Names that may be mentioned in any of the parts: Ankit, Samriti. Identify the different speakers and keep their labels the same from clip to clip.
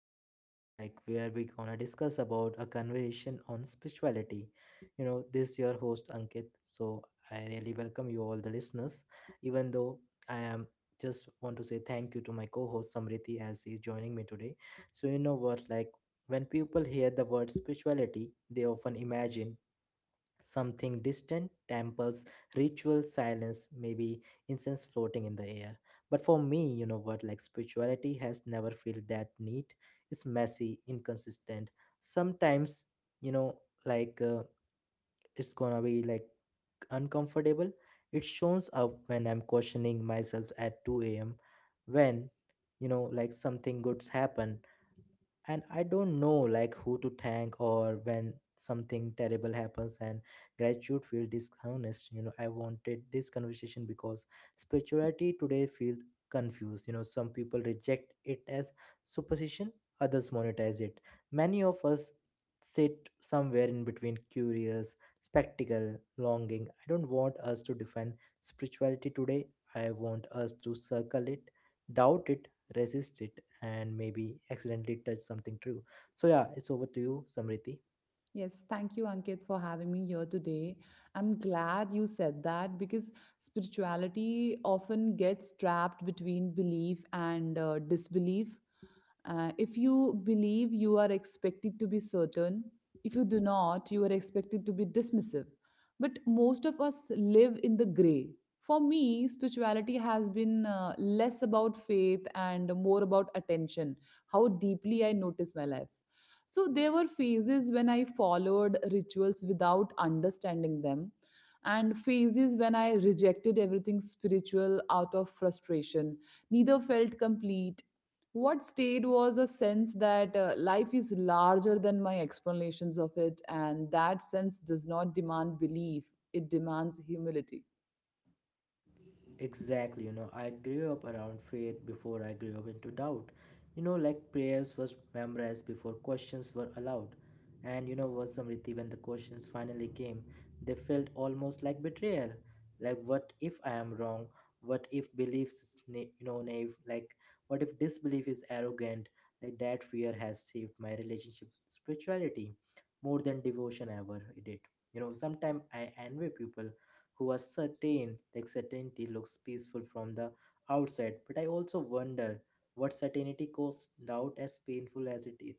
Speaker 1: podcast, like where we gonna discuss about a conversation on spirituality. You know, this your host Ankit. So I really welcome you all the listeners, even though I am just want to say thank you to my co-host Samriti as he's joining me today. So you know what, like when people hear the word spirituality, they often imagine something distant, temples, ritual silence, maybe incense floating in the air. But for me, you know what, like spirituality has never felt that neat. It's messy, inconsistent. Sometimes, you know, like uh, it's gonna be like uncomfortable. It shows up when I'm questioning myself at 2 a.m. when you know like something good's happened and I don't know like who to thank, or when something terrible happens and gratitude feel dishonest. You know, I wanted this conversation because spirituality today feels confused. You know, some people reject it as superstition, others monetize it. Many of us sit somewhere in between curious spectacle, longing. I don't want us to defend spirituality today. I want us to circle it, doubt it, resist it, and maybe accidentally touch something true. So, yeah, it's over to you, Samriti.
Speaker 2: Yes, thank you, Ankit, for having me here today. I'm glad you said that because spirituality often gets trapped between belief and disbelief. If you believe, you are expected to be certain. If you do not, you are expected to be dismissive. But most of us live in the gray. For me, spirituality has been less about faith and more about attention, how deeply I notice my life. So there were phases when I followed rituals without understanding them, and phases when I rejected everything spiritual out of frustration. Neither felt complete. What stayed was a sense that life is larger than my explanations of it, and that sense does not demand belief, it demands humility.
Speaker 1: Exactly, you know, I grew up around faith before I grew up into doubt. You know, like prayers was memorized before questions were allowed. And you know what, Samriti, when the questions finally came, they felt almost like betrayal. Like, what if I am wrong? What if beliefs, is you know, naive? Like, what if disbelief is arrogant? Like, that fear has shaped my relationship with spirituality more than devotion ever did. You know, sometimes I envy people who was certain. Like certainty looks peaceful from the outside, but I also wonder what certainty goes. Doubt, as painful as it is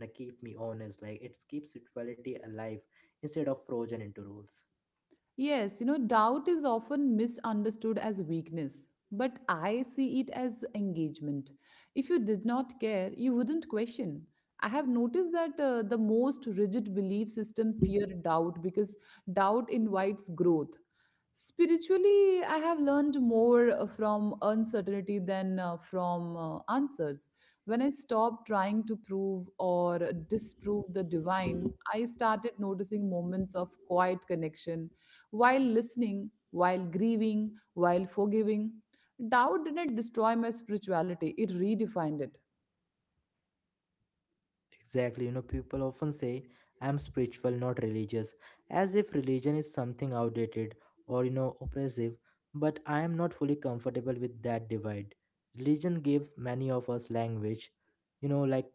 Speaker 1: now, keep me honest. Like it keeps spirituality alive instead of frozen into rules.
Speaker 2: Yes, you know, doubt is often misunderstood as weakness, but I see it as engagement. If you did not care, you wouldn't question. I have noticed that the most rigid belief system fear doubt because doubt invites growth. Spiritually, I have learned more from uncertainty than from answers. When I stopped trying to prove or disprove the divine, I started noticing moments of quiet connection while listening, while grieving, while forgiving. Doubt didn't destroy my spirituality, it redefined it.
Speaker 1: Exactly, you know, people often say, I'm spiritual, not religious, as if religion is something outdated or, you know, oppressive, but I am not fully comfortable with that divide. Religion gives many of us language, you know, like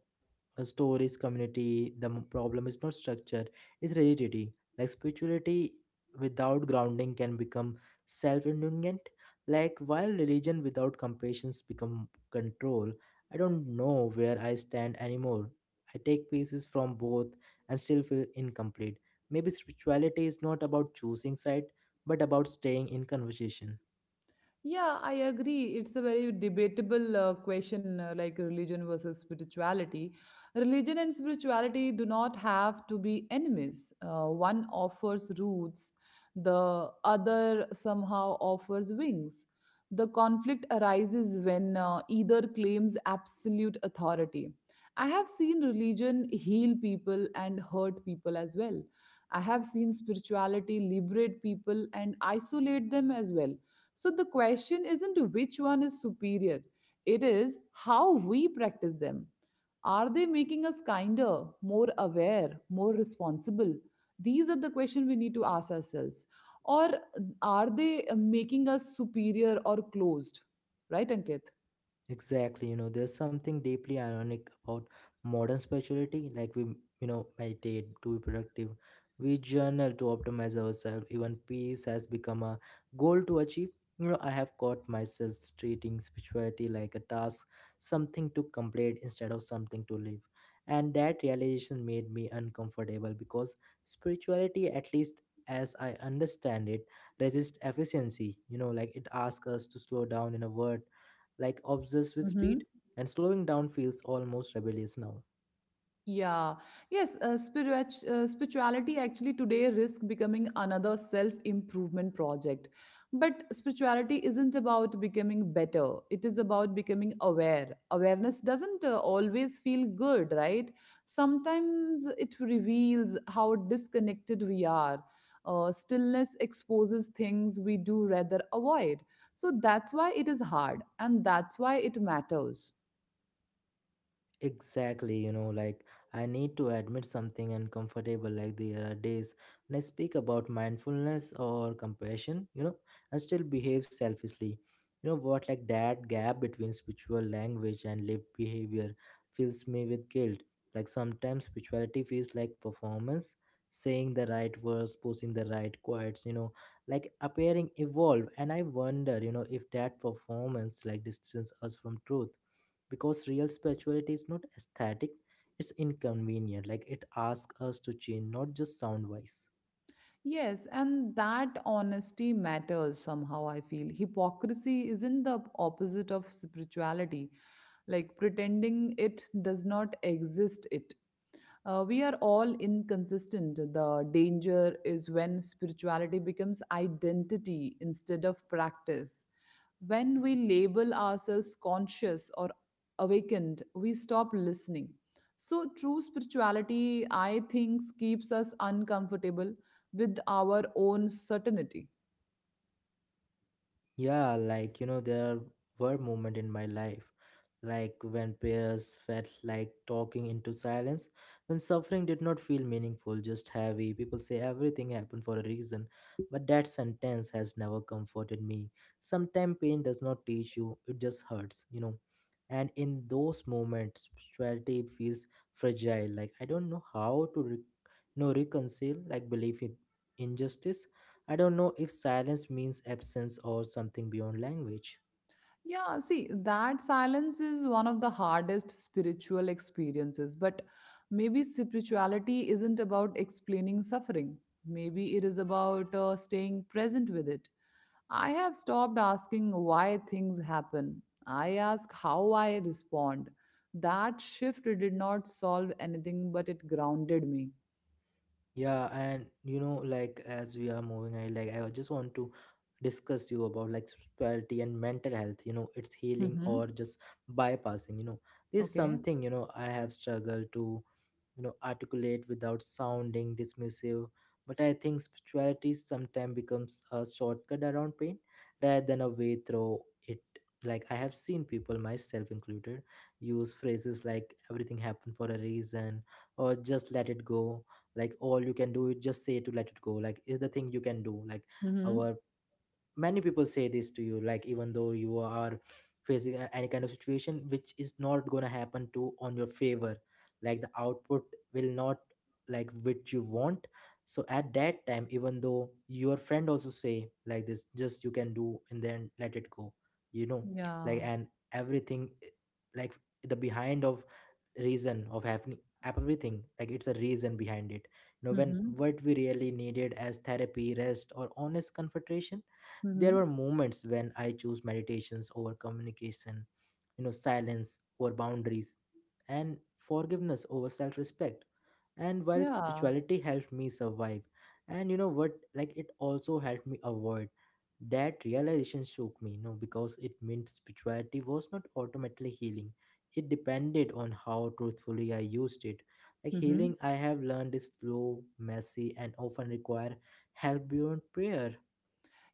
Speaker 1: a stories, community. The problem is not structure, it's rigidity. Like spirituality without grounding can become self indulgent. Like, while religion without compassion become control, I don't know where I stand anymore. I take pieces from both and still feel incomplete. Maybe spirituality is not about choosing side, but about staying in conversation.
Speaker 2: Yeah, I agree. It's a very debatable question, like religion versus spirituality. Religion and spirituality do not have to be enemies. One offers roots, the other somehow offers wings. The conflict arises when either claims absolute authority. I have seen religion heal people and hurt people as well. I have seen spirituality liberate people and isolate them as well, so the question isn't which one is superior, it is how we practice them. Are they making us kinder, more aware, more responsible? These are the questions we need to ask ourselves. Or are they making us superior or closed? Right, Ankit?
Speaker 1: Exactly, you know, there's something deeply ironic about modern spirituality. Like we, you know, meditate to be productive, we journal to optimize ourselves. Even peace has become a goal to achieve. You know, I have caught myself treating spirituality like a task, something to complete instead of something to live. And that realization made me uncomfortable because spirituality, at least as I understand it, resists efficiency. You know, like it asks us to slow down in a word like obsessed with speed, and slowing down feels almost rebellious now.
Speaker 2: Yeah, yes, spirituality actually today risk becoming another self-improvement project. But spirituality isn't about becoming better. It is about becoming aware. Awareness doesn't always feel good, right? Sometimes it reveals how disconnected we are. Stillness exposes things we do rather avoid. So that's why it is hard, and that's why it matters.
Speaker 1: Exactly, you know, like I need to admit something uncomfortable. Like there are days when I speak about mindfulness or compassion, you know, and still behave selfishly. You know what, like that gap between spiritual language and lived behavior fills me with guilt. Like sometimes spirituality feels like performance, saying the right words, posing the right quotes, you know, like appearing evolved. And I wonder, you know, if that performance like distances us from truth, because real spirituality is not aesthetic, it's inconvenient. Like it asks us to change, not just sound wise.
Speaker 2: Yes, and that honesty matters somehow, I feel. Hypocrisy isn't the opposite of spirituality. Like pretending it does not exist, it. We are all inconsistent. The danger is when spirituality becomes identity instead of practice. When we label ourselves conscious or awakened, we stop listening. So, true spirituality, I think, keeps us uncomfortable with our own certainty.
Speaker 1: Yeah, like you know, there were moments in my life, like when prayers felt like talking into silence, when suffering did not feel meaningful, just heavy. People say everything happened for a reason, but that sentence has never comforted me. Sometimes pain does not teach you, it just hurts, you know. And in those moments, spirituality feels fragile. Like I don't know how to, you know, reconcile, like belief in injustice. I don't know if silence means absence or something beyond language.
Speaker 2: Yeah, see, that silence is one of the hardest spiritual experiences. But maybe spirituality isn't about explaining suffering, maybe it is about staying present with it. I have stopped asking why things happen. I ask how I respond. That shift did not solve anything, but it grounded me.
Speaker 1: Yeah, and you know, like as we are moving, I just want to discuss you about like spirituality and mental health. You know, it's healing
Speaker 2: Mm-hmm.
Speaker 1: or just bypassing. You know, this is
Speaker 2: Okay.
Speaker 1: something you know I have struggled to, you know, articulate without sounding dismissive. But I think spirituality sometimes becomes a shortcut around pain rather than a way through it. Like I have seen people, myself included, use phrases like "everything happened for a reason" or "just let it go." Like all you can do is just say to let it go, like is the thing you can do. Like
Speaker 2: Mm-hmm.
Speaker 1: our many people say this to you, like even though you are facing any kind of situation which is not going to happen to on your favor, like the output will not, like which you want. So at that time, even though your friend also say like this just you can do, and then let it go, you know, like.
Speaker 2: Yeah.
Speaker 1: And everything like the behind of reason of happening everything, like it's a reason behind it, you know, when
Speaker 2: Mm-hmm.
Speaker 1: what we really needed as therapy, rest, or honest confrontation. There
Speaker 2: Mm-hmm.
Speaker 1: were moments when I chose meditations over communication, you know, silence over boundaries, and forgiveness over self respect. And while
Speaker 2: Yeah.
Speaker 1: spirituality helped me survive, and you know what, like it also helped me avoid. That realization shook me, you know, because it meant spirituality was not automatically healing. It depended on how truthfully I used it. Like
Speaker 2: Mm-hmm.
Speaker 1: healing, I have learned, is slow, messy, and often require help beyond prayer.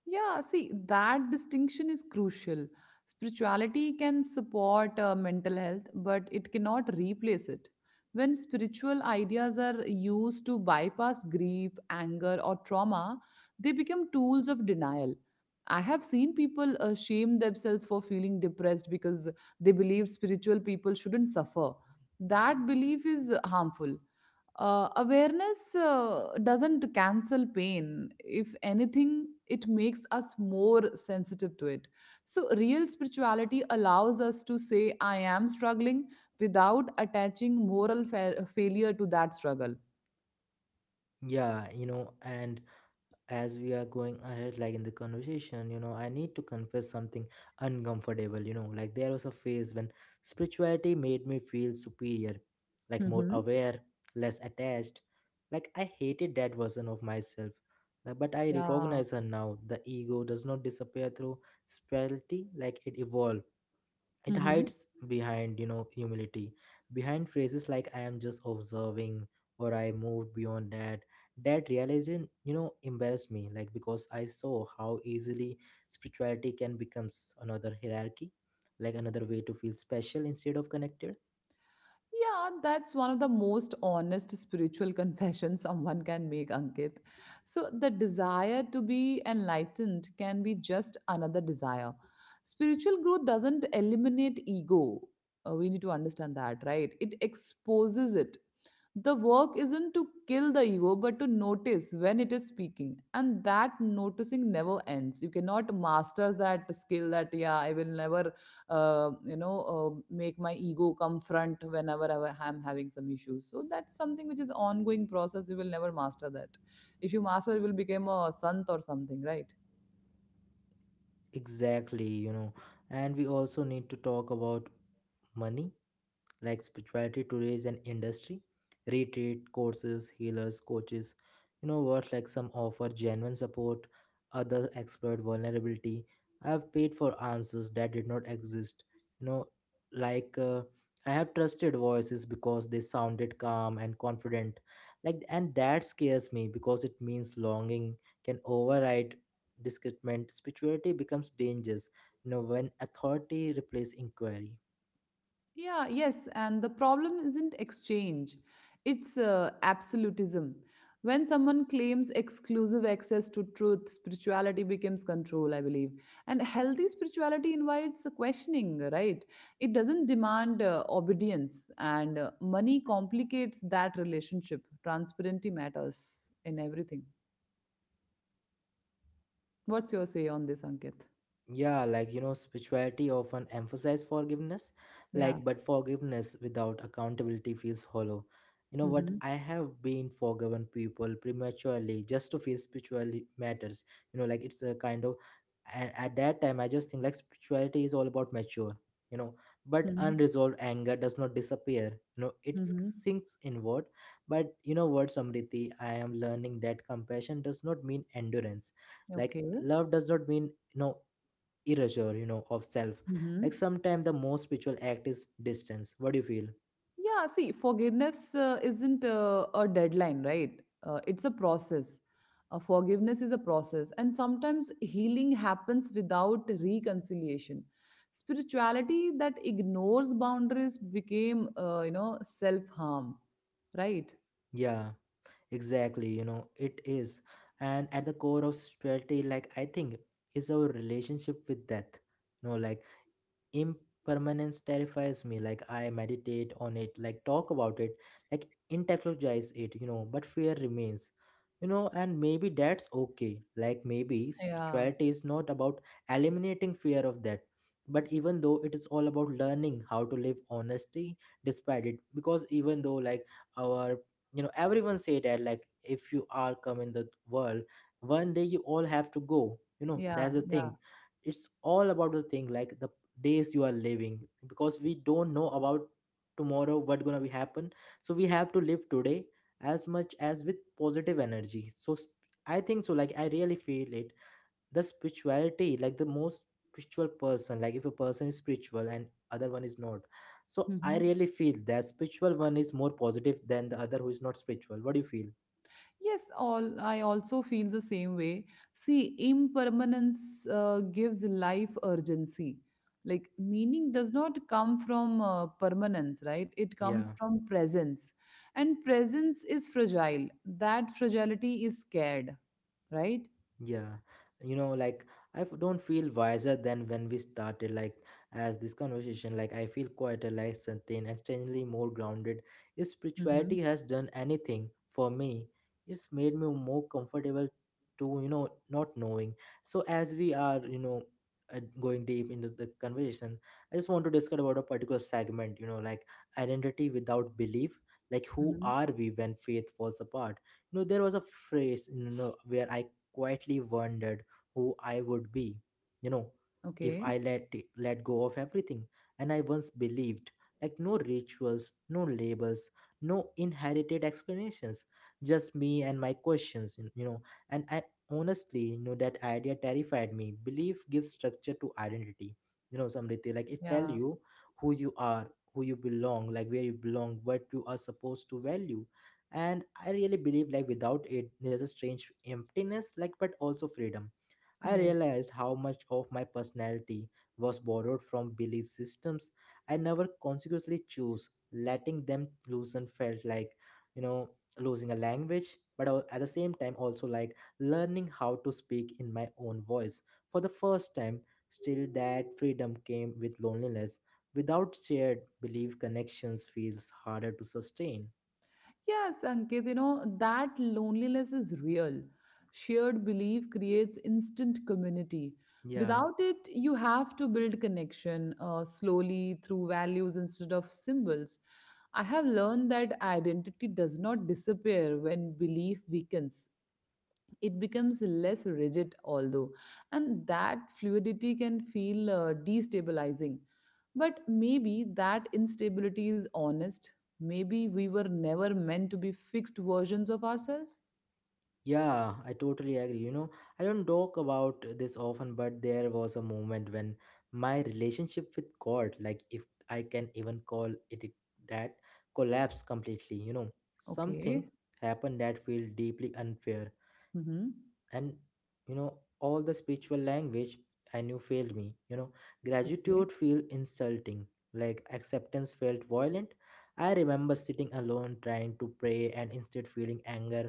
Speaker 2: Yeah, see, that distinction is crucial. Spirituality can support mental health, but it cannot replace it. When spiritual ideas are used to bypass grief, anger, or trauma, they become tools of denial. I have seen people shame themselves for feeling depressed because they believe spiritual people shouldn't suffer. That belief is harmful. Uh, awareness doesn't cancel pain. If anything, it makes us more sensitive to it. So real spirituality allows us to say I am struggling without attaching moral failure to that struggle.
Speaker 1: Yeah, you know, and as we are going ahead like in the conversation, you know, I need to confess something uncomfortable. You know, like there was a phase when spirituality made me feel superior, like more
Speaker 2: Mm-hmm.
Speaker 1: aware, less attached. Like I hated that version of myself. Like, but I
Speaker 2: Yeah.
Speaker 1: recognize her now. The ego does not disappear through spirituality, like it evolves, it
Speaker 2: Mm-hmm.
Speaker 1: hides behind, you know, humility, behind phrases like I am just observing, or I moved beyond that. That realization, you know, embarrassed me, like because I saw how easily spirituality can becomes another hierarchy, like another way to feel special instead of connected.
Speaker 2: Yeah, that's one of the most honest spiritual confessions someone can make, Ankit. So, the desire to be enlightened can be just another desire. Spiritual growth doesn't eliminate ego. We need to understand that, right? It exposes it. The work isn't to kill the ego, but to notice when it is speaking. And that noticing never ends. You cannot master that skill that, yeah, I will never, uh, you know, make my ego come front whenever I am having some issues. So that's something which is ongoing process. You will never master that. If you master, you will become a sant or something, right?
Speaker 1: Exactly, you know, and we also need to talk about money. Like spirituality today is an industry, retreat courses, healers, coaches. You know what, like some offer genuine support, others exploit vulnerability. I have paid for answers that did not exist, you know, like uh, I have trusted voices because they sounded calm and confident. Like and that scares me, because it means longing can override discernment. Spirituality becomes dangerous, you know, when authority replaces inquiry.
Speaker 2: Yeah, yes, and the problem isn't exchange, it's absolutism. When someone claims exclusive access to truth, spirituality becomes control, I believe. And healthy spirituality invites a questioning, right? It doesn't demand obedience, and money complicates that relationship. Transparency matters in everything. What's your say on this, Ankit?
Speaker 1: Yeah, like you know, spirituality often emphasizes forgiveness,
Speaker 2: Yeah.
Speaker 1: like but forgiveness without accountability feels hollow. You know what?
Speaker 2: Mm-hmm.
Speaker 1: I have been forgiven people prematurely just to feel spiritually matters. You know, like it's a kind of. And at that time I just think like spirituality is all about mature, you know, but
Speaker 2: Mm-hmm.
Speaker 1: unresolved anger does not disappear. You know, it
Speaker 2: Mm-hmm.
Speaker 1: sinks inward. But you know what, Samriti, I am learning that compassion does not mean endurance. Like
Speaker 2: Okay.
Speaker 1: love does not mean no erasure, you know, of self.
Speaker 2: Mm-hmm.
Speaker 1: Like sometimes the most spiritual act is distance. What do you feel?
Speaker 2: Yeah, see, forgiveness isn't a deadline, right? It's a process. Forgiveness is a process, and sometimes healing happens without reconciliation. Spirituality that ignores boundaries became, self harm, right?
Speaker 1: Yeah, exactly, you know, it is. And at the core of spirituality, like I think, is our relationship with death. You know, like impermanence terrifies me. Like I meditate on it, like talk about it, like intellectualize it, you know, but fear remains. You know, and maybe that's okay. Like maybe
Speaker 2: Yeah,
Speaker 1: spirituality is not about eliminating fear of that, but even though it is all about learning how to live honesty despite it. Because even though like our, you know, everyone say that like if you are come in the world one day you all have to go, you know,
Speaker 2: yeah,
Speaker 1: that's the
Speaker 2: yeah.
Speaker 1: thing. It's all about the thing, like the days you are living, because we don't know about tomorrow what gonna be happen. So we have to live today as much as with positive energy. So I think so, like I really feel it, the spirituality. Like the most spiritual person, like if a person is spiritual and other one is not, so I
Speaker 2: Mhm.
Speaker 1: really feel that spiritual one is more positive than the other who is not spiritual. What do you feel?
Speaker 2: Yes, all I also feel the same way. See, impermanence gives life urgency. Like meaning does not come from permanence, right? It comes
Speaker 1: Yeah.
Speaker 2: from presence. And presence is fragile. That fragility is scared, right?
Speaker 1: Yeah, you know, like I don't feel wiser than when we started. Like as this conversation, like I feel quieter, like certain and strangely more grounded. If
Speaker 2: Mm-hmm.
Speaker 1: spirituality has done anything for me, it's made me more comfortable to, you know, not knowing. So as we are you know going deep into the conversation, I just want to discuss about a particular segment. You know, like identity without belief. Like who
Speaker 2: Mm-hmm.
Speaker 1: are we when faith falls apart? There was a phrase, where I quietly wondered who I would be, you know, if
Speaker 2: Okay.
Speaker 1: I let go of everything. And I once believed, like no rituals, no labels, no inherited explanations, just me and my questions. And I Honestly, that idea terrified me. Belief gives structure to identity. You know, Samriti, like it tell
Speaker 2: Yeah.
Speaker 1: you who you are, who you belong, like where you belong, what you are supposed to value. And I really believe, like without it there's a strange emptiness, like but also freedom. I
Speaker 2: Yeah.
Speaker 1: realized how much of my personality was borrowed from belief systems I never consciously choose. Letting them loosen felt like, you know losing a language, but at the same time also like learning how to speak in my own voice for the first time. Still, that freedom came with loneliness. Without shared belief, connections feels harder to sustain.
Speaker 2: Yes, Ankit, you know, that loneliness is real. Shared belief creates instant community.
Speaker 1: Yeah.
Speaker 2: Without it, you have to build connection slowly through values instead of symbols. I have learned that identity does not disappear when belief weakens, it becomes less rigid, although, and that fluidity can feel destabilizing, but maybe that instability is honest. Maybe we were never meant to be fixed versions of ourselves.
Speaker 1: Yeah, I totally agree. You know, I don't talk about this often, but there was a moment when my relationship with God, like if I can even call it that, collapsed completely. You know, something
Speaker 2: Okay.
Speaker 1: happened that felt deeply unfair.
Speaker 2: Mm-hmm.
Speaker 1: And all the spiritual language I knew failed me.
Speaker 2: Okay.
Speaker 1: Gratitude felt insulting, like acceptance felt violent. I remember sitting alone trying to pray and instead feeling anger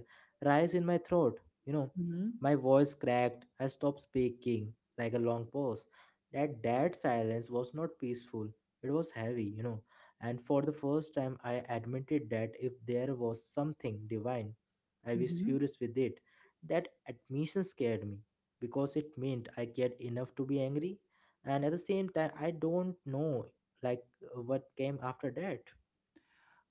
Speaker 1: rise in my throat, you know
Speaker 2: Mm-hmm.
Speaker 1: my voice cracked, I stopped speaking, like a long pause. That dead silence was not peaceful, it was heavy, and for the first time I admitted that if there was something divine, I was
Speaker 2: Mm-hmm.
Speaker 1: furious with it. That admission scared me because it meant I cared enough to be angry, and at the same time, I don't know, like what came after that.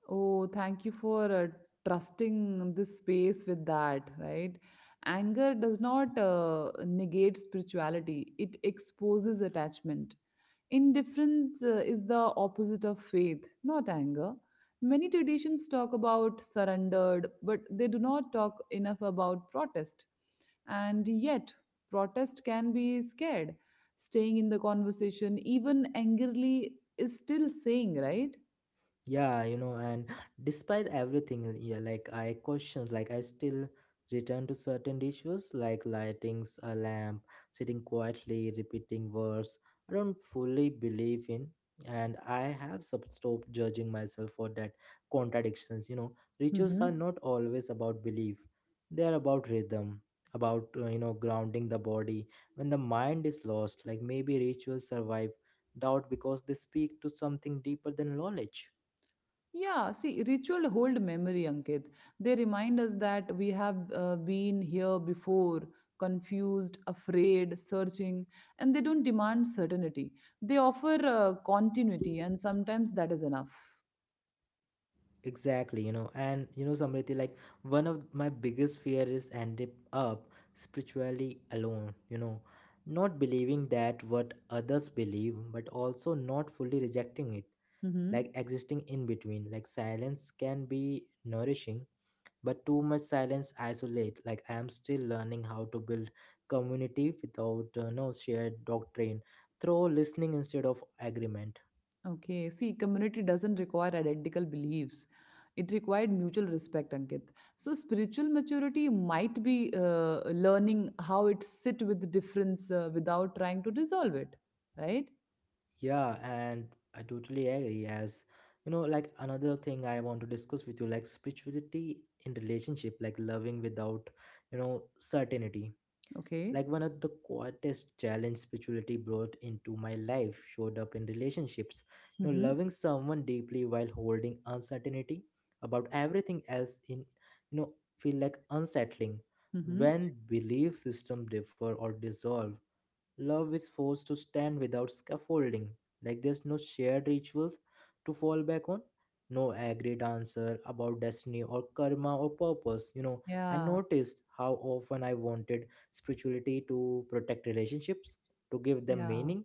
Speaker 2: Oh, thank you for trusting this space with that, right? Anger does not negate spirituality, it exposes attachment. Indifference is the opposite of faith, not anger. Many traditions talk about surrendered, but they do not talk enough about protest. And yet, protest can be scared. Staying in the conversation, even angrily, is still saying, right?
Speaker 1: Yeah, and despite everything, yeah, like I questions, like I still return to certain rituals, like lightings a lamp, sitting quietly, repeating words I don't fully believe in. And I have stopped judging myself for that contradictions, rituals are
Speaker 2: Mm-hmm.
Speaker 1: not always about belief, they are about rhythm, about grounding the body when the mind is lost. Like maybe rituals survive doubt because they speak to something deeper than knowledge.
Speaker 2: Yeah, see, ritual hold memory, Ankit. They remind us that we have been here before, confused, afraid, searching, and they don't demand certainty. They offer continuity, and sometimes that is enough.
Speaker 1: Exactly, you know, and you know, Samriti, like one of my biggest fear is ending up spiritually alone, you know, not believing that what others believe, but also not fully rejecting it,
Speaker 2: Hmm.
Speaker 1: like existing in between. Like silence can be nourishing, but too much silence isolate. Like I am still learning how to build community without no shared doctrine, through listening instead of agreement.
Speaker 2: Okay, see, community doesn't require identical beliefs. It required mutual respect, Ankit. So spiritual maturity might be learning how it sit with difference without trying to resolve it, right?
Speaker 1: Yeah, and I totally agree. As you know, like another thing I want to discuss with you, like spirituality in relationship, like loving without, you know, certainty.
Speaker 2: Okay.
Speaker 1: Like one of the quietest challenge spirituality brought into my life showed up in relationships. You know,
Speaker 2: Mhm.
Speaker 1: loving someone deeply while holding uncertainty about everything else in, you know, feel like unsettling
Speaker 2: Mm-hmm.
Speaker 1: when belief system differ or dissolve. Love is forced to stand without scaffolding. Like there's no shared rituals to fall back on, no agreed answer about destiny or karma or purpose. You know, I
Speaker 2: Yeah,
Speaker 1: noticed how often I wanted spirituality to protect relationships, to give them
Speaker 2: yeah,
Speaker 1: meaning,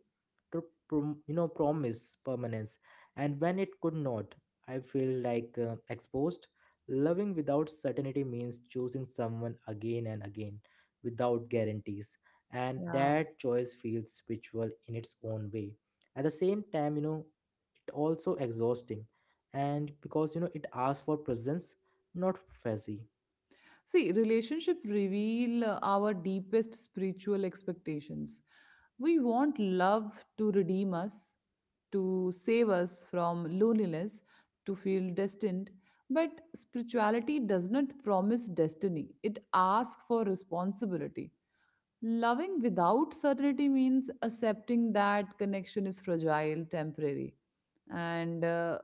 Speaker 1: to you know promise permanence. And when it could not, I feel like exposed. Loving without certainty means choosing someone again and again without guarantees, and
Speaker 2: yeah.
Speaker 1: that choice feels spiritual in its own way. At the same time, you know, it also exhausting, and because you know it asks for presence, not fuzzy.
Speaker 2: See, relationship reveal our deepest spiritual expectations. We want love to redeem us, to save us from loneliness, to feel destined. But spirituality does not promise destiny, it asks for responsibility. Loving without certainty means accepting that connection is fragile, temporary. And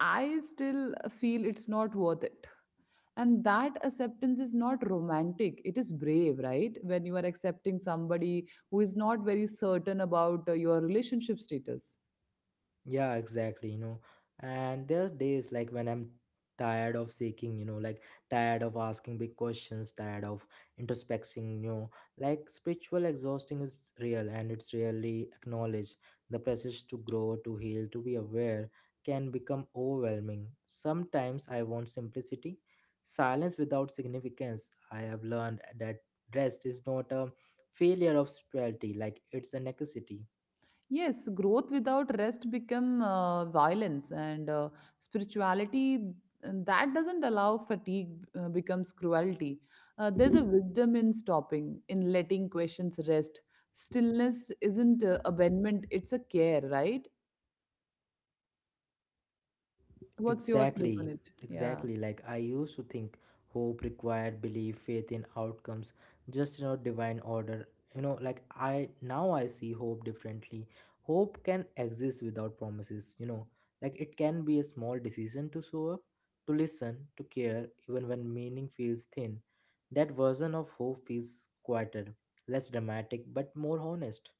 Speaker 2: I still feel it's not worth it. And that acceptance is not romantic. It is brave, right? When you are accepting somebody who is not very certain about your relationship status.
Speaker 1: Yeah, exactly, you know. And there's days like when I'm tired of seeking, you know, like tired of asking big questions, tired of introspecting, you know, like spiritual exhausting is real and it's really acknowledged. The process to grow, to heal, to be aware can become overwhelming. Sometimes I want simplicity, silence without significance. I have learned that rest is not a failure of spirituality, like it's a necessity.
Speaker 2: Yes, growth without rest become violence and spirituality and that doesn't allow fatigue becomes cruelty. There's a wisdom in stopping, in letting questions rest. Stillness isn't abandonment, it's a care, right? What's your take on
Speaker 1: Exactly,
Speaker 2: it? Yeah.
Speaker 1: exactly. Like I used to think hope required belief, faith in outcomes, just you know, divine order. You know, like I now I see hope differently. Hope can exist without promises, you know, like it can be a small decision to show up, to listen, to care, even when meaning feels thin. That version of hope feels quieter, less dramatic, but more honest.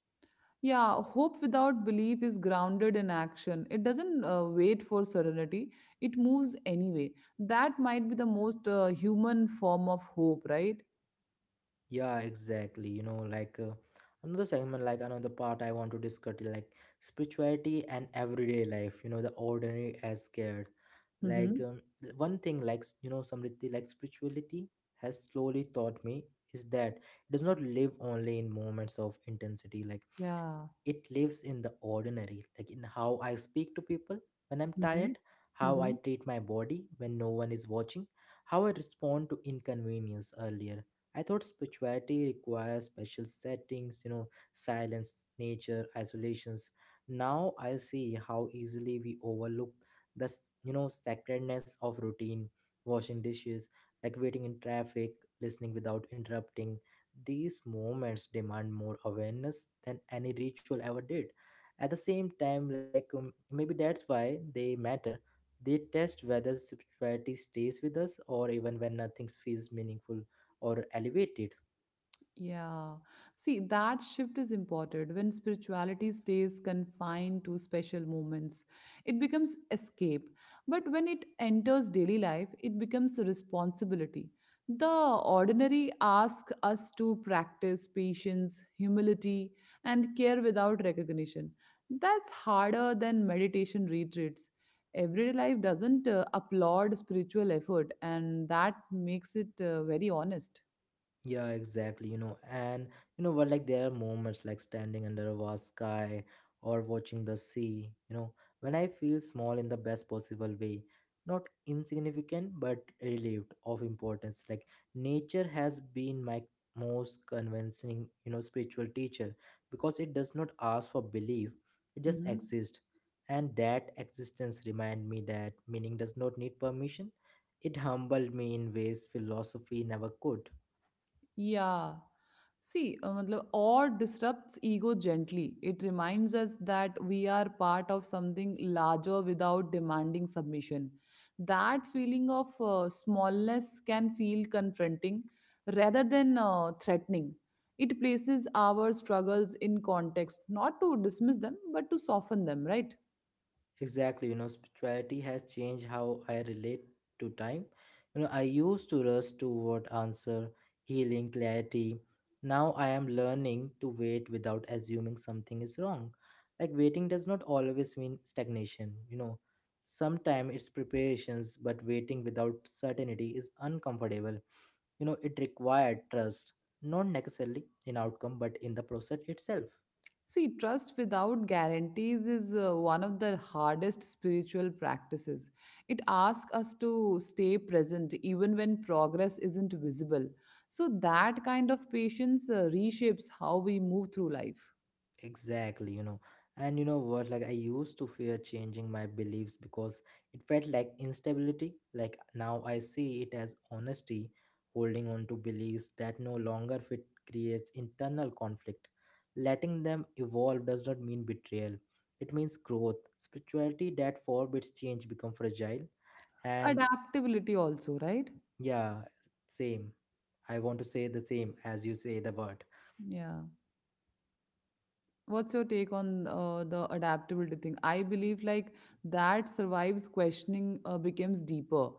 Speaker 2: Yeah, hope without belief is grounded in action. It doesn't wait for serenity, it moves anyway. That might be the most human form of hope, right?
Speaker 1: Yeah, exactly. You know, like another segment, like another part I want to discuss, like spirituality and everyday life, you know, the ordinary as scared.
Speaker 2: Mm-hmm.
Speaker 1: Like one thing, like, you know, Samriti, like spirituality has slowly taught me is that it does not live only in moments of intensity, like
Speaker 2: Ja.
Speaker 1: it lives in the ordinary, like in how I speak to people when I'm
Speaker 2: Mhm.
Speaker 1: tired, how I
Speaker 2: Mhm.
Speaker 1: treat my body when no one is watching, how I respond to inconvenience. Earlier I thought spirituality requires special settings, you know, silence, nature, isolations. Now I see how easily we overlook the, you know, sacredness of routine, washing dishes, like waiting in traffic, listening without interrupting. These moments demand more awareness than any ritual ever did. At the same time, like maybe that's why they matter. They test whether spirituality stays with us or even when nothing feels meaningful or elevated.
Speaker 2: Yeah. See, that shift is important. When spirituality stays confined to special moments, it becomes escape. But when it enters daily life, it becomes a responsibility. The ordinary asks us to practice patience, humility, and care without recognition. That's harder than meditation retreats. Everyday life doesn't applaud spiritual effort, and that makes it very honest.
Speaker 1: Yeah, exactly. You know, and you know what, like there are moments like standing under a vast sky or watching the sea, you know, when I feel small in the best possible way, not insignificant, but relieved of importance. Like nature has been my most convincing, you know, spiritual teacher because it does not ask for belief, it just
Speaker 2: Mm-hmm.
Speaker 1: exists. And that existence remind me that meaning does not need permission. It humbled me in ways philosophy never could.
Speaker 2: Yeah. See, matlab, awe disrupts ego gently. It reminds us that we are part of something larger without demanding submission. That feeling of smallness can feel confronting rather than threatening. It places our struggles in context, not to dismiss them, but to soften them, right?
Speaker 1: Exactly, you know, spirituality has changed how I relate to time. You know, I used to rush toward answer, healing, clarity. Now I am learning to wait without assuming something is wrong. Like waiting does not always mean stagnation, you know. Sometimes it's preparations, but waiting without certainty is uncomfortable. You know, it required trust, not necessarily in outcome, but in the process itself.
Speaker 2: See, trust without guarantees is one of the hardest spiritual practices. It asks us to stay present even when progress isn't visible. So, that kind of patience reshapes how we move through life.
Speaker 1: Exactly, you know. And you know what? Like, I used to fear changing my beliefs because it felt like instability. Like, now I see it as honesty, holding on to beliefs that no longer fit creates internal conflict. Letting them evolve does not mean betrayal, it means growth. Spirituality that forbids change become fragile. And
Speaker 2: Adaptability, also, right?
Speaker 1: yeah, same. I want to say the same as you say the word.
Speaker 2: Yeah. What's your take on the adaptability thing? I believe like that survives questioning becomes deeper,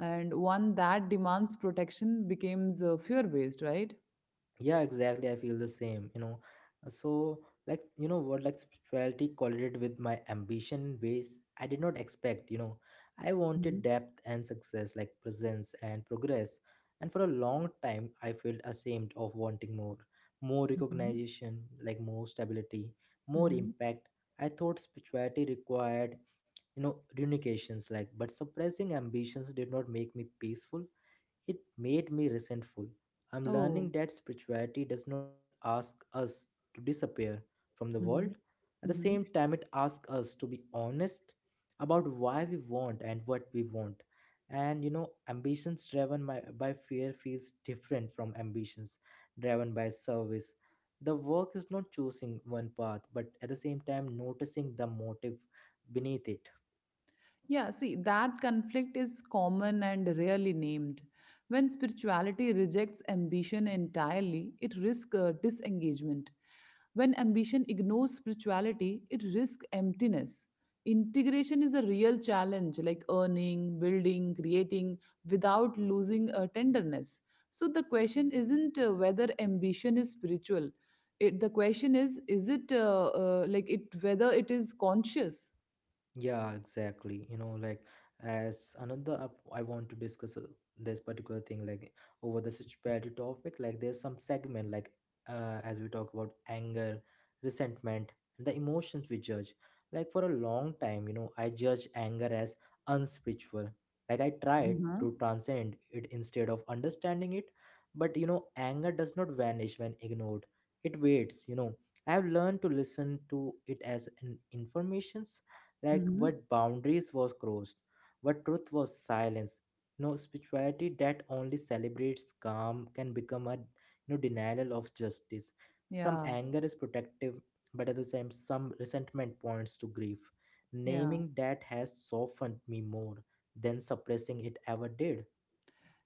Speaker 2: and one that demands protection becomes fear based, right?
Speaker 1: Yeah, exactly, I feel the same, you know. So like you know what, like spirituality collided with my ambition in ways I did not expect, you know. I wanted
Speaker 2: Mhm.
Speaker 1: depth and success, like presence and progress. And for a long time I felt ashamed of wanting more, more
Speaker 2: Mhm.
Speaker 1: recognition, like more stability, more
Speaker 2: Mhm.
Speaker 1: impact. I thought spirituality required, you know renunciations, like but suppressing ambitions did not make me peaceful, it made me resentful. I'm
Speaker 2: Oh.
Speaker 1: learning that spirituality does not ask us to disappear from the world.
Speaker 2: Mhm.
Speaker 1: At the
Speaker 2: Mhm.
Speaker 1: same time, it asks us to be honest about why we want and what we want. And you know, ambitions driven by fear feels different from ambitions driven by service. The work is not choosing one path, but at the same time, noticing the motive beneath it.
Speaker 2: Yeah, see, that conflict is common and rarely named. When spirituality rejects ambition entirely, it risks disengagement. When ambition ignores spirituality, it risks emptiness. Integration is the real challenge, like earning, building, creating, without losing tenderness. So the question isn't whether ambition is spiritual. It, the question is it like it whether it is conscious?
Speaker 1: Yeah, exactly. You know, like as another, I want to discuss this particular thing, like over the spirituality topic. Like there's some segment, like as we talk about anger, resentment, and the emotions we judge. Like for a long time, you know, I judge anger as unspiritual. Like I tried
Speaker 2: Mm-hmm.
Speaker 1: to transcend it instead of understanding it, but you know, anger does not vanish when ignored. It waits. You know, I have learned to listen to it as an information, like what boundaries was crossed, what truth was silenced, spirituality that only celebrates calm can become a, denial of justice. Some
Speaker 2: Yeah,
Speaker 1: anger is protective, but at the same some resentment points to grief.
Speaker 2: yeah.
Speaker 1: Naming that has softened me more than suppressing it ever did.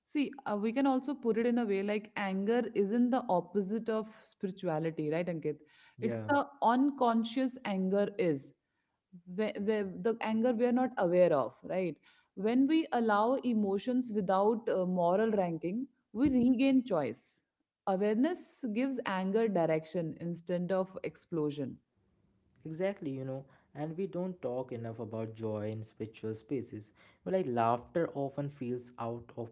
Speaker 2: See, we can also put it in a way like anger isn't the opposite of spirituality, right, Ankit? It's
Speaker 1: Yeah.
Speaker 2: the unconscious anger is where the anger we are not aware of, right? When we allow emotions without moral ranking, we regain choice. Awareness gives anger direction instead of explosion.
Speaker 1: Exactly, you know, and we don't talk enough about joy in spiritual spaces. Well, like laughter often feels out of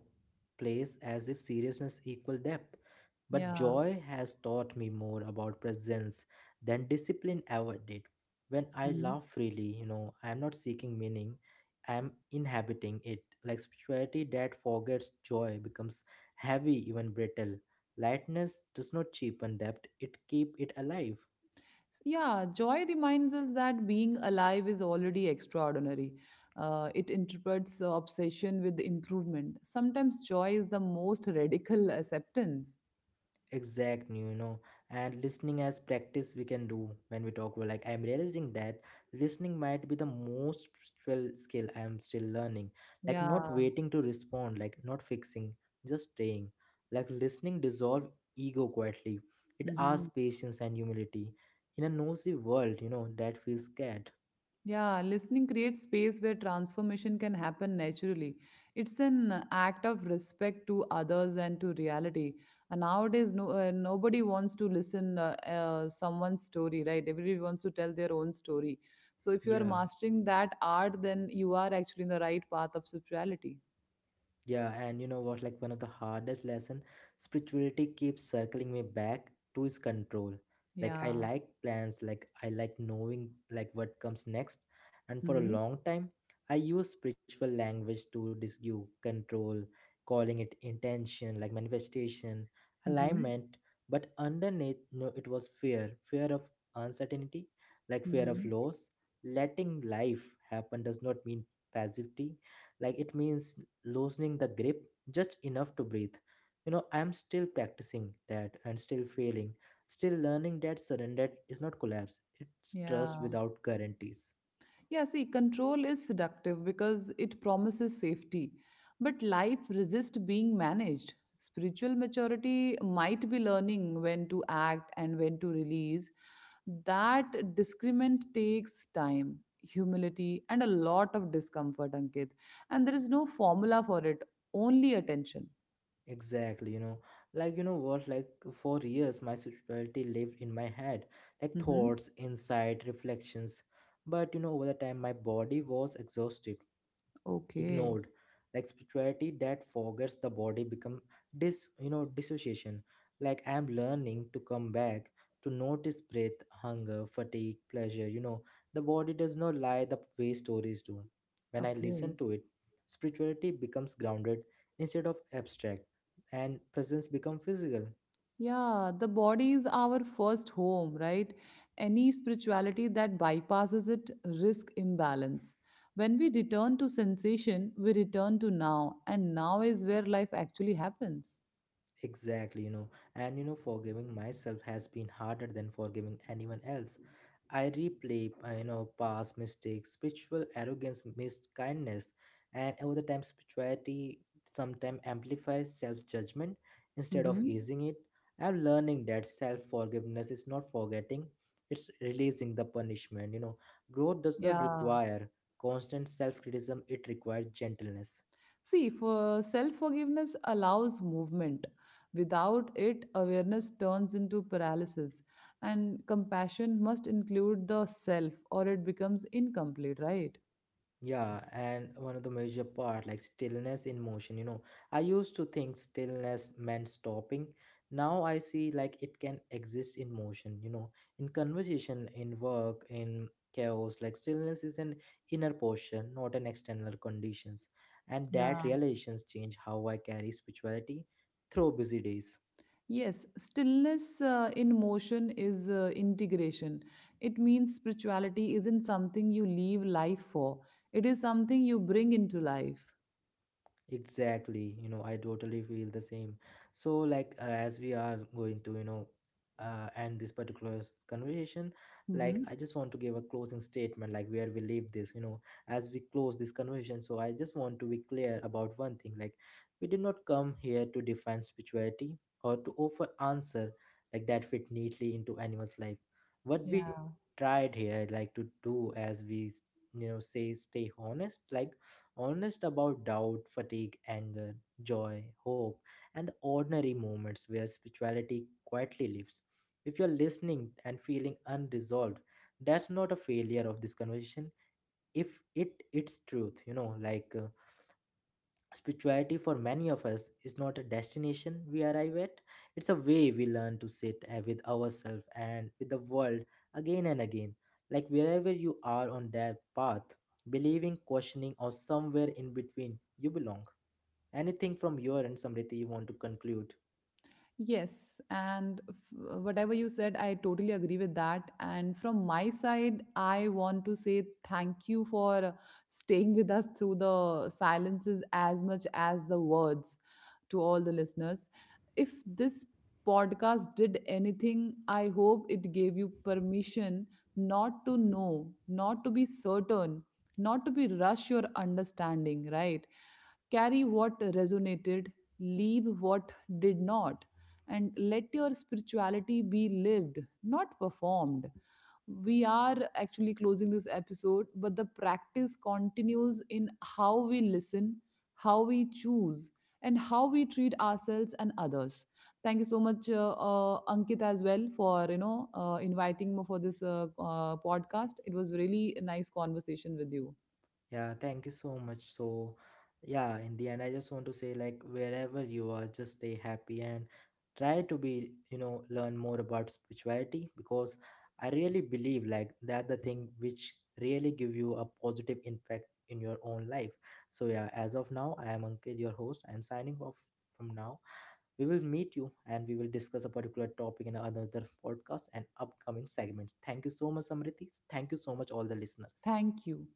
Speaker 1: place, as if seriousness equal depth. But
Speaker 2: Yeah.
Speaker 1: joy has taught me more about presence than discipline ever did. When I laugh freely, you know, I am not seeking meaning, I am inhabiting it. Like spirituality that forgets joy becomes heavy, even brittle. Lightness does not cheapen depth, it keep it alive.
Speaker 2: Yeah, joy reminds us that being alive is already extraordinary. It interprets obsession with improvement. Sometimes joy is the most radical acceptance.
Speaker 1: Exactly, you know, and listening as practice we can do when we talk about, like I'm realizing that listening might be the most spiritual skill I am still learning. Like not
Speaker 2: Yeah.
Speaker 1: waiting to respond, like not fixing, just staying. Like listening dissolve ego quietly. It asks
Speaker 2: Mhm.
Speaker 1: patience and humility in a nosy world, you know, that feels scared.
Speaker 2: Yeah, listening creates space where transformation can happen naturally. It's an act of respect to others and to reality. And nowadays, no, nobody wants to listen someone's story, right? Everybody wants to tell their own story. So if you are
Speaker 1: Yeah.
Speaker 2: mastering that art, then you are actually in the right path of spirituality.
Speaker 1: Yeah, and you know what? Like one of the hardest lesson, spirituality keeps circling me back to is control. Like I
Speaker 2: Yeah.
Speaker 1: like plans, like I like knowing like what comes next, and for a
Speaker 2: Mm-hmm.
Speaker 1: long time, I use spiritual language to disgue control, calling it intention, like manifestation,
Speaker 2: Mm-hmm.
Speaker 1: alignment. But underneath, no, it was fear, fear of uncertainty, like fear of
Speaker 2: Mm-hmm.
Speaker 1: loss. Letting life happen does not mean passivity like it means loosening the grip just enough to breathe. You know, I'm still practicing that and still failing, still learning that surrender is not collapse, it's trust
Speaker 2: Yeah.
Speaker 1: without guarantees.
Speaker 2: Yeah, see, control is seductive because it promises safety, but life resists being managed. Spiritual maturity might be learning when to act and when to release. That discernment takes time, humility, and a lot of discomfort, Ankit. And there is no formula for it, only attention.
Speaker 1: Exactly, you know, like you know what, like for years my spirituality lived in my head, like
Speaker 2: Hmm.
Speaker 1: thoughts, insight, reflections. But you know, over the time my body was exhausted,
Speaker 2: Okay,
Speaker 1: ignored. Like spirituality that forgets the body become dis you know, dissociation. Like I am learning to come back to notice breath, hunger, fatigue, pleasure, you know. The body does not lie the way stories do. When I listen
Speaker 2: okay.
Speaker 1: to it, spirituality becomes grounded instead of abstract and presence become physical.
Speaker 2: Yeah, the body is our first home, right? Any spirituality that bypasses it risk imbalance. When we return to sensation, we return to now, and now is where life actually happens.
Speaker 1: Exactly, you know, and you know forgiving myself has been harder than forgiving anyone else. I replay you know, past mistakes, spiritual arrogance, missed kindness, and over the time spirituality sometimes amplifies self-judgment instead of
Speaker 2: Hmm.
Speaker 1: easing it. I'm learning that self-forgiveness is not forgetting, it's releasing the punishment, you know. Growth does not
Speaker 2: Yeah.
Speaker 1: require constant self-criticism, it requires gentleness.
Speaker 2: See, for self-forgiveness allows movement. Without it, awareness turns into paralysis, and compassion must include the self, or it becomes incomplete, right?
Speaker 1: Yeah, and one of the major part like stillness in motion, you know. I used to think stillness meant stopping. Now I see like it can exist in motion, you know, in conversation, in work, in chaos. Like stillness is an inner portion, not an external conditions. And that
Speaker 2: Yeah.
Speaker 1: realizations change how I carry spirituality through busy days.
Speaker 2: Yes, stillness in motion is integration. It means spirituality isn't something you leave life for, it is something you bring into life.
Speaker 1: Exactly, you know, I totally feel the same. So, like, as we are going to, you know, end this particular conversation, like,
Speaker 2: Hmm.
Speaker 1: I just want to give a closing statement, like, where we leave this, you know, as we close this conversation. So, I just want to be clear about one thing, like, we did not come here to define spirituality or to offer answer like that fit neatly into anyone's life. What we
Speaker 2: Yeah.
Speaker 1: tried here, like, to do as we, you know, say, stay honest, like honest about doubt, fatigue, anger, joy, hope, and the ordinary moments where spirituality quietly lives. If you're listening and feeling unresolved, that's not a failure of this conversation. If it it's truth, you know, spirituality for many of us is not a destination we arrive at, it's a way we learn to sit with ourselves and with the world again and again. Like wherever you are on that path, believing, questioning, or somewhere in between, you belong. Anything from your end, Samriti, you want to conclude?
Speaker 2: Yes, and whatever you said, I totally agree with that. And from my side, I want to say thank you for staying with us through the silences as much as the words. To all the listeners, if this podcast did anything, I hope it gave you permission not to know, not to be certain, not to be rush your understanding, right? Carry what resonated, leave what did not, and let your spirituality be lived, not performed. We are actually closing this episode, but the practice continues in how we listen, how we choose, and how we treat ourselves and others. Thank you so much, Ankit, as well, for you know inviting me for this podcast. It was really a nice conversation with you.
Speaker 1: Yeah, thank you so much. So, yeah, in the end, I just want to say, like, wherever you are, just stay happy and try to be, you know, learn more about spirituality because I really believe, like, that the thing which really give you a positive impact in your own life. So, yeah, as of now, I am Ankit, your host. I am signing off from now. We will meet you and we will discuss a particular topic in another podcast and upcoming segments. Thank you so much, Samriti. Thank you so much, all the listeners.
Speaker 2: Thank you.